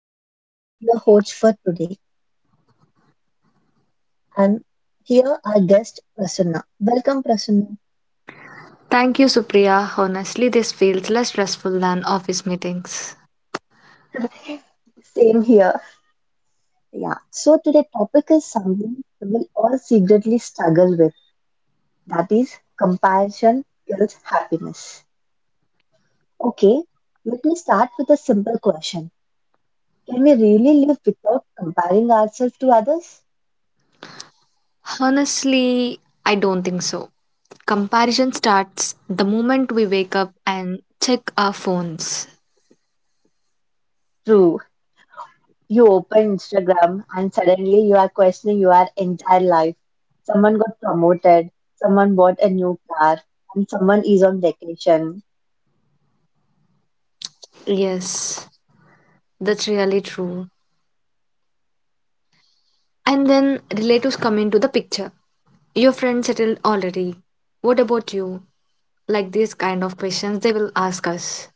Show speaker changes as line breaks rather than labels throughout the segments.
I'm Supriya, your host for today, and here our guest Prasunna. Welcome Prasunna.
Thank you, Supriya. Honestly, this feels less stressful than office meetings.
Same here. Yeah, so today topic is something we will all secretly struggle with, that is comparison kills happiness. Okay, let me start with a simple question. Can we really live without comparing ourselves to others?
Honestly, I don't think so. Comparison starts the moment we wake up and check our phones.
True. You open Instagram and suddenly you are questioning your entire life. Someone got promoted, someone bought a new car, and someone is on vacation.
Yes, that's really true. And then relatives come into the picture. Your friend settled already. What about you? Like these kind of questions they will ask us.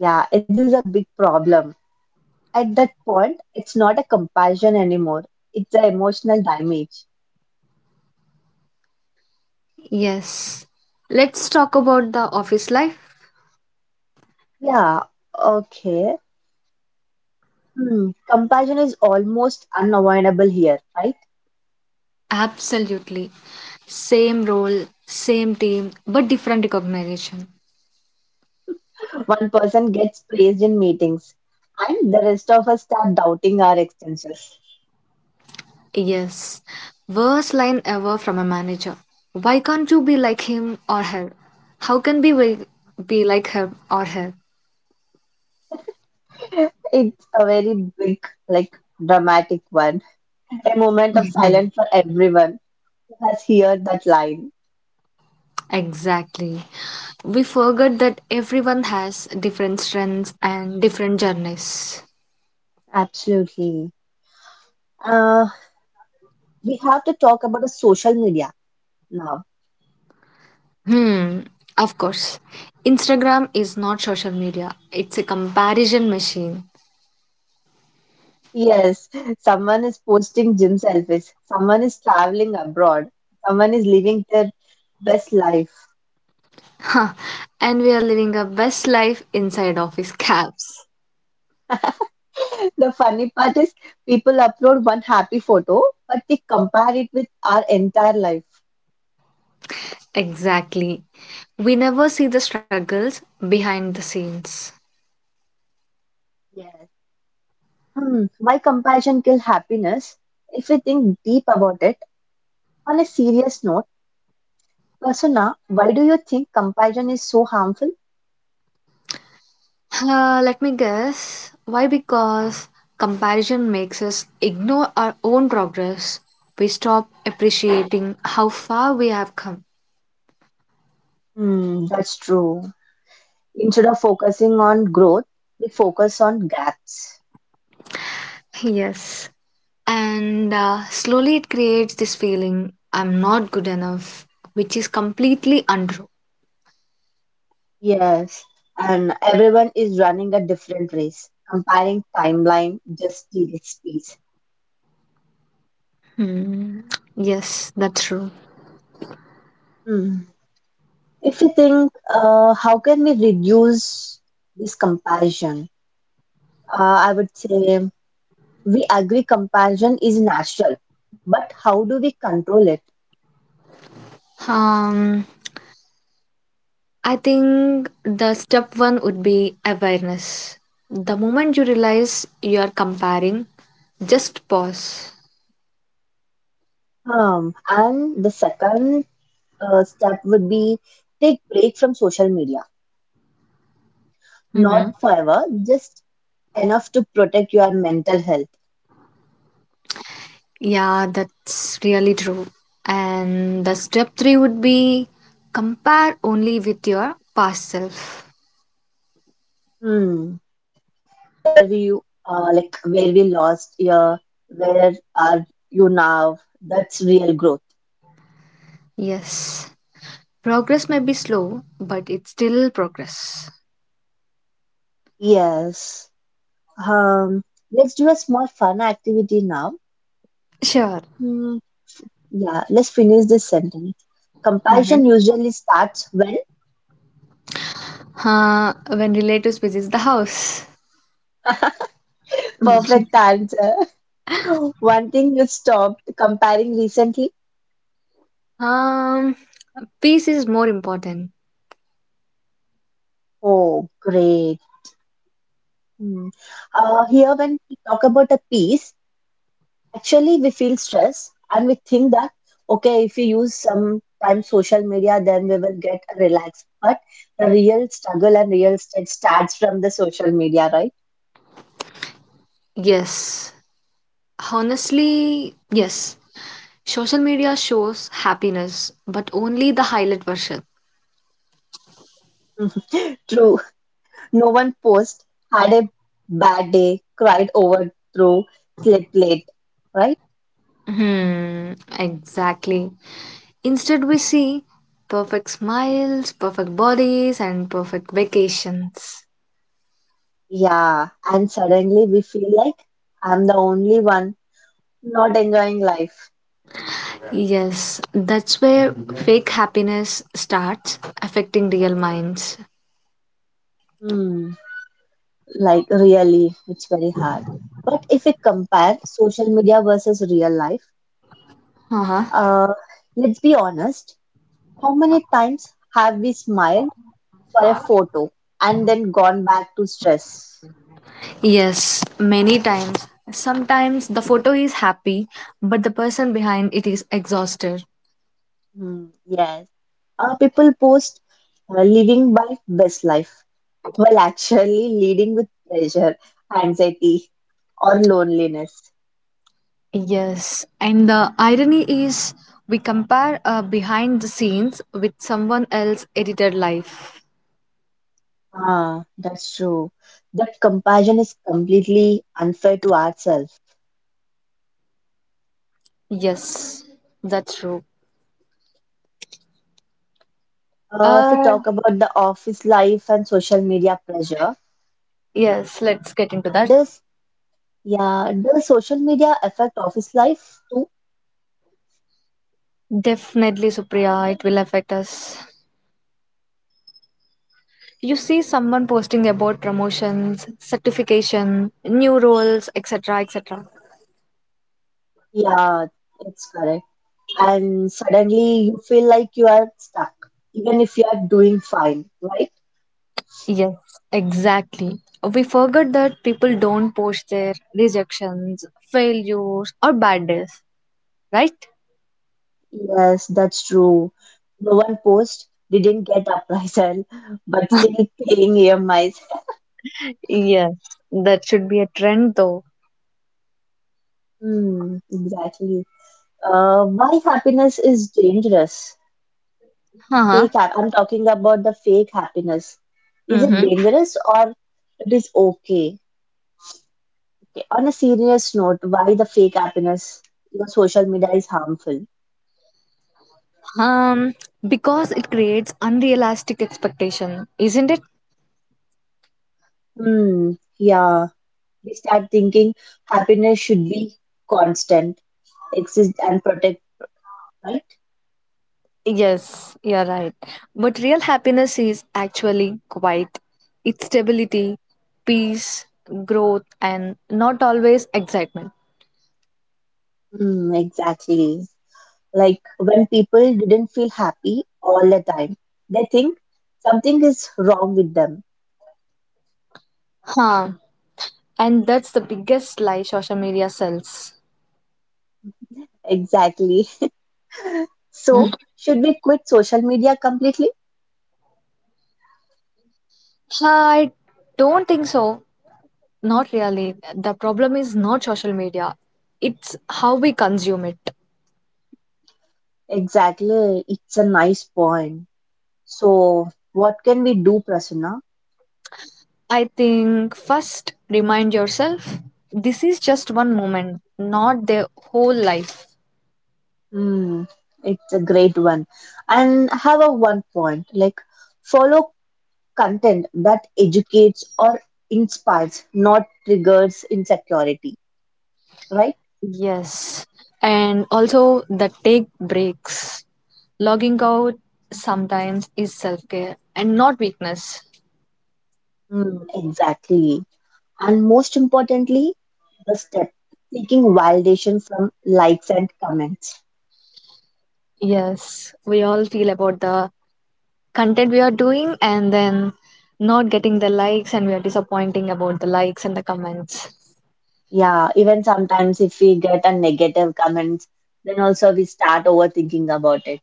Yeah, it is a big problem. At that point, it's not a compassion anymore, it's an emotional damage.
Yes. Let's talk about the office life.
Yeah, okay. Hmm. Compassion is almost unavoidable here, right?
Absolutely. Same role, same team, but different recognition.
One person gets praised in meetings, and the rest of us start doubting our expenses.
Yes. Worst line ever from a manager. Why can't you be like him or her? How can we be like him or her?
It's a very big, like dramatic one. A moment of silence for everyone who has heard that line.
Exactly. We forget that everyone has different strengths and different journeys.
Absolutely. Uh, we have to talk about the social media now.
Hmm, of course. Instagram is not social media, it's a comparison machine.
Yes, someone is posting gym selfies, someone is traveling abroad, someone is living their best life.
Huh, and we are living our best life inside office caps.
The funny part is people upload one happy photo, but they compare it with our entire life.
Exactly. We never see the struggles behind the scenes.
Yes. Why compassion kill happiness? If we think deep about it, on a serious note, Vasuna, why do you think compassion is so harmful?
Let me guess. Why? Because comparison makes us ignore our own progress. We stop appreciating how far we have come.
Hmm, that's true. Instead of focusing on growth, we focus on gaps.
Yes. And slowly it creates this feeling I'm not good enough, which is completely untrue.
Yes, and everyone is running a different race. Comparing timeline just deletes space.
Hmm. Yes, that's true.
Hmm. If we think, how can we reduce this compassion? I would say, we agree compassion is natural, but how do we control it?
Um, I think the step one would be awareness. The moment you realize you are comparing, just pause.
And the second step would be take break from social media.
Mm-hmm.
Not forever, just enough to protect your mental health.
Yeah, that's really true. And the step three would be compare only with your past self.
Hmm. Where we you like where we lost your where are you now? That's real growth.
Yes, progress may be slow, but it's still progress.
Yes. Um, let's do a small fun activity now.
Sure.
Hmm, yeah, let's finish this sentence.
Mm-hmm.
Compassion usually starts when?
When relatives visits the house,
Perfect answer. One thing you stopped comparing recently?
um, peace is more important.
Oh, great. Hmm. Here, when we talk about a piece, actually, we feel stress and we think that, okay, if we use some time social media, then we will get relaxed. But the real struggle and real stress starts from the social media, right?
Yes. Honestly, yes. Social media shows happiness, but only the highlight version.
True. No one post had a bad day, cried over through, slept late, right?
Hmm, exactly. Instead, we see perfect smiles, perfect bodies, and perfect vacations.
Yeah, and suddenly we feel like I'm the only one not enjoying life.
Yes, that's where fake happiness starts affecting real minds.
Hmm, like really, it's very hard. But if we compare social media versus real life,
Uh-huh.
uh, let's be honest, how many times have we smiled for a photo and then gone back to stress?
Yes, many times. Sometimes the photo is happy, but the person behind it is exhausted.
Hmm, yes. People post living by best life while actually leading with pressure, anxiety, or loneliness.
Yes, and the irony is we compare behind the scenes with someone else edited life.
Ah, that's true. That comparison is completely unfair to ourselves.
Yes, that's true.
If we
Uh,
talk about the office life and social media pressure,
yes, let's get into that.
does, yeah, does social media affect office life too?
Definitely, Supriya, it will affect us. You see someone posting about promotions, certification, new roles, etc., etc.
Yeah, it's correct. And suddenly you feel like you are stuck, even if you are doing fine, right?
Yes, exactly. We forget that people don't post their rejections, failures, or bad days, right?
Yes, that's true. No one post didn't get appraisal, but still paying EMIs.
Yes, that should be a trend though.
Hmm, exactly. Why happiness is dangerous?
Huh.
Fake hap I'm talking about the fake happiness. Is it
Mm-hmm.
dangerous or it is okay? Okay. On a serious note, why the fake happiness on social media is harmful?
Um, because it creates unrealistic expectation, isn't it?
Hmm, yeah. We start thinking happiness should be constant, exist and protect, right?
Yes, you're right. But real happiness is actually quiet. It's stability, peace, growth, and not always excitement.
Mm, exactly. Like when people didn't feel happy all the time, they think something is wrong with them.
Huh. And that's the biggest lie social media sells.
Exactly.
Mm.
So, should we quit social media completely?
I don't think so. Not really. The problem is not social media, it's how we consume it.
Exactly. It's a nice point. So, what can we do, Prasanna?
I think first remind yourself this is just one moment, not the whole life.
Hmm, it's a great one. And I have a one point, like, follow content that educates or inspires, not triggers insecurity, right?
Yes. And also the take breaks. Logging out sometimes is self care and not weakness.
Mm, exactly. And most importantly, the step seeking validation from likes and comments.
Yes. We all feel about the content we are doing and then not getting the likes and we are disappointing about the likes and the comments.
Yeah, even sometimes if we get a negative comment, then also we start overthinking about it,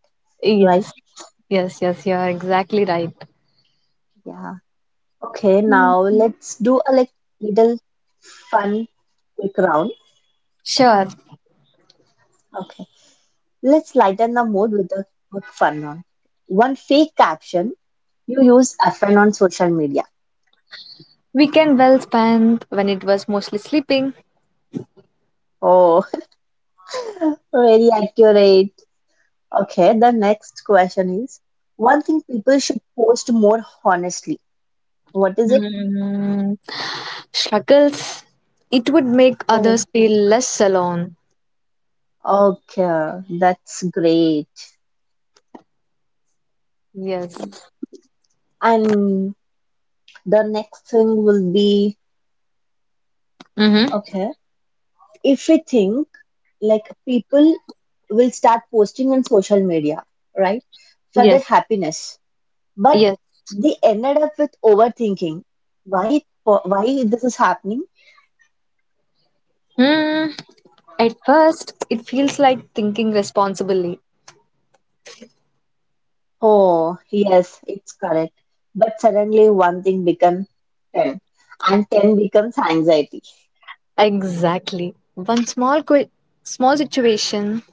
right?
Yes, yes, yes, you are exactly right.
Yeah. Okay, now let's do a like little fun quick round.
Sure.
Okay. Let's lighten the mood with a quick fun one. One fake caption you use often on social media.
Weekend well spent when it was mostly sleeping.
Oh, very accurate. Okay, the next question is one thing people should post more honestly. What is it?
Hmm. Struggles. It would make others
Oh,
feel less alone.
okay, that's great.
Yes.
Mm. And the next thing will be
Mm-hmm.
okay. If we think like people will start posting on social media, right, for their
Yes.
happiness, but
Yes.
they ended up with overthinking. Why? Why this is happening?
Hmm. At first, it feels like thinking responsibly.
Oh, yes, it's correct. But suddenly one thing becomes 10, and 10 becomes anxiety.
Exactly. Small situation.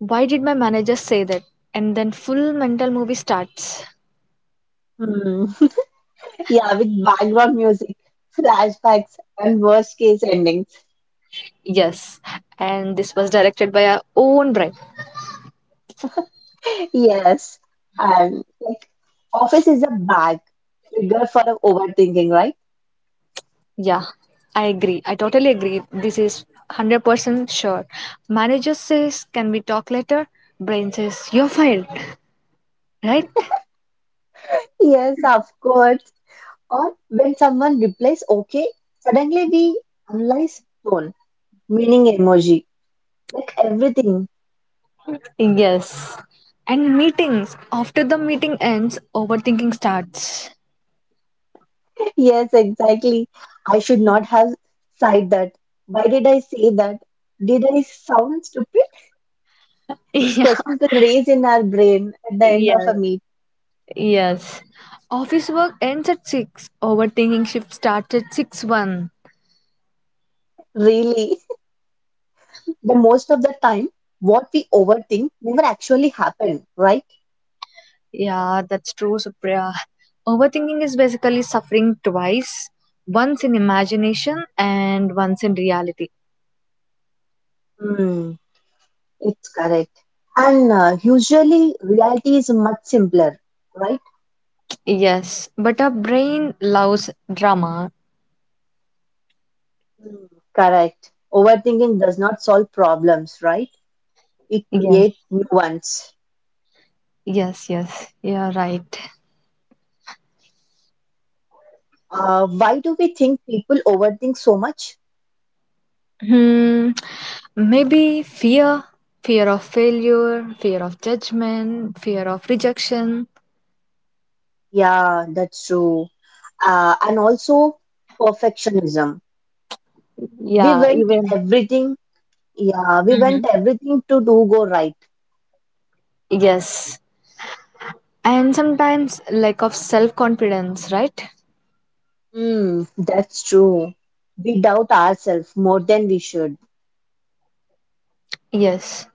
Why did my manager say that? And then full mental movie starts.
Hmm. Yeah, with background music, flashbacks, and worst case endings.
Yes, and this was directed by our own bride.
Yes, and like office is a bag trigger for overthinking, right?
Yeah, I agree. I totally agree. This is 100% sure. Manager says, Can we talk later? Brain says, You're fired, right?
Yes, of course. Or when someone replies okay, suddenly we analyze tone, meaning emoji, like everything.
Yes. And meetings. After the meeting ends, overthinking starts.
Yes, exactly. I should not have said that. Why did I say that? Did I sound stupid? These
Yeah.
questions will raise in our brain at the end
Yeah.
of a meet.
Yes. Office work ends at 6. Overthinking shift starts at 6 1.
Really, the most of the time, what we overthink never actually happened, right?
Yeah, that's true, Supriya. Overthinking is basically suffering twice, once in imagination and once in reality.
Hmm, it's correct. And usually, reality is much simpler, right?
Yes, but our brain loves drama.
Hmm. Correct. Overthinking does not solve problems, right? It
Yes,
creates new ones.
yes, yes, you're right.
Why do we think people overthink so much?
Hmm, maybe fear, fear of failure, fear of judgment, fear of rejection.
Yeah, that's true. And also perfectionism. We
Yeah,
want
even.
everything, yeah, we want
Hmm.
everything to do go right.
Yes. And sometimes lack of self confidence, right?
Hmm, that's true. We doubt ourselves more than we should.
Yes.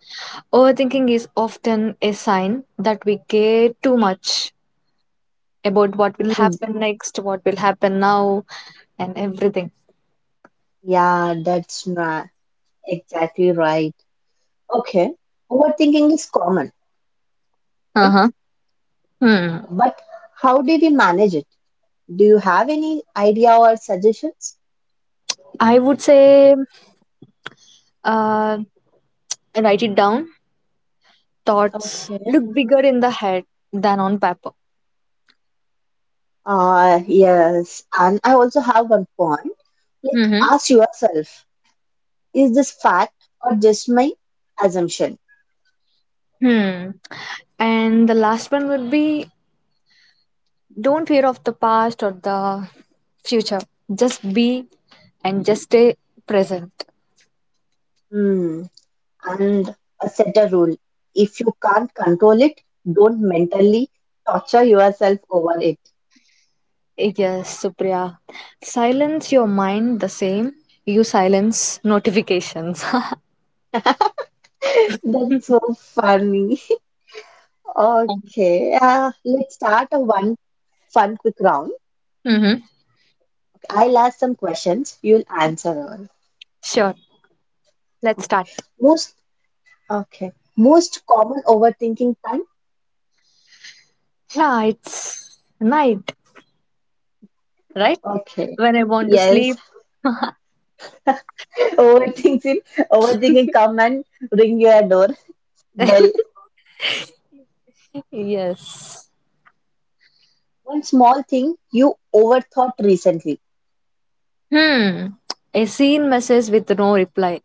Overthinking is often a sign that we care too much about what will
Hmm.
happen next, what will happen now, and everything.
yeah, that's not exactly right. Okay, overthinking is common,
Uh
right?
huh. Hmm.
But how do we manage it? Do you have any idea or suggestions?
I would say uh, write it down. Thoughts
Okay.
look bigger in the head than on paper.
Ah, yes. And I also have one point. Like,
Mm-hmm.
ask yourself, is this fact or just my assumption?
Hmm. And the last one would be don't fear of the past or the future. Just be and just stay present.
Hmm. And set a rule. If you can't control it, don't mentally torture yourself over it.
Yes, Supriya. Silence your mind the same. You silence notifications.
That's so funny. Okay. Let's start a one fun quick round.
Mm-hmm.
I'll ask some questions. You'll answer all.
Sure. Let's
Okay.
start.
Most okay. Most common overthinking.
Yeah, it's night, right?
Okay.
When I want to
Yes.
sleep.
Overthinking, overthinking come and ring your door bell.
Yes.
One small thing you overthought recently.
Hmm. A seen message with no reply.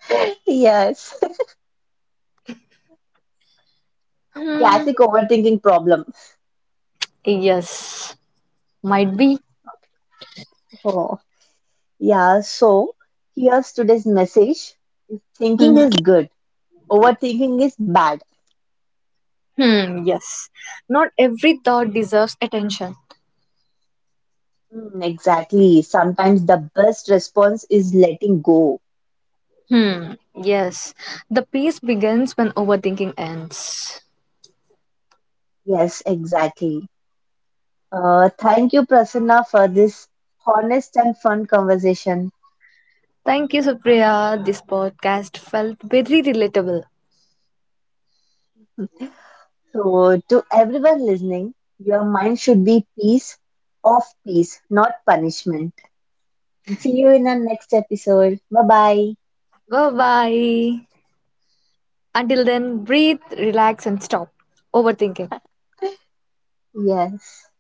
Yes.
Hmm.
Classic overthinking problem.
Yes. Might be.
Oh, yeah. So here's today's message. Thinking
Mhm.
is good. Overthinking is bad.
Hmm. Yes. Not every thought deserves attention.
Mm, exactly. Sometimes the best response is letting go.
Hmm. Yes. The peace begins when overthinking ends.
Yes, exactly. Thank you, Prasanna, for this honest and fun conversation.
Thank you, Supriya. This podcast felt very relatable.
So, to everyone listening, your mind should be peace of peace, not punishment. And see you in our next episode. Bye
Bye bye. Until then, breathe, relax, and stop overthinking.
bye. Yes.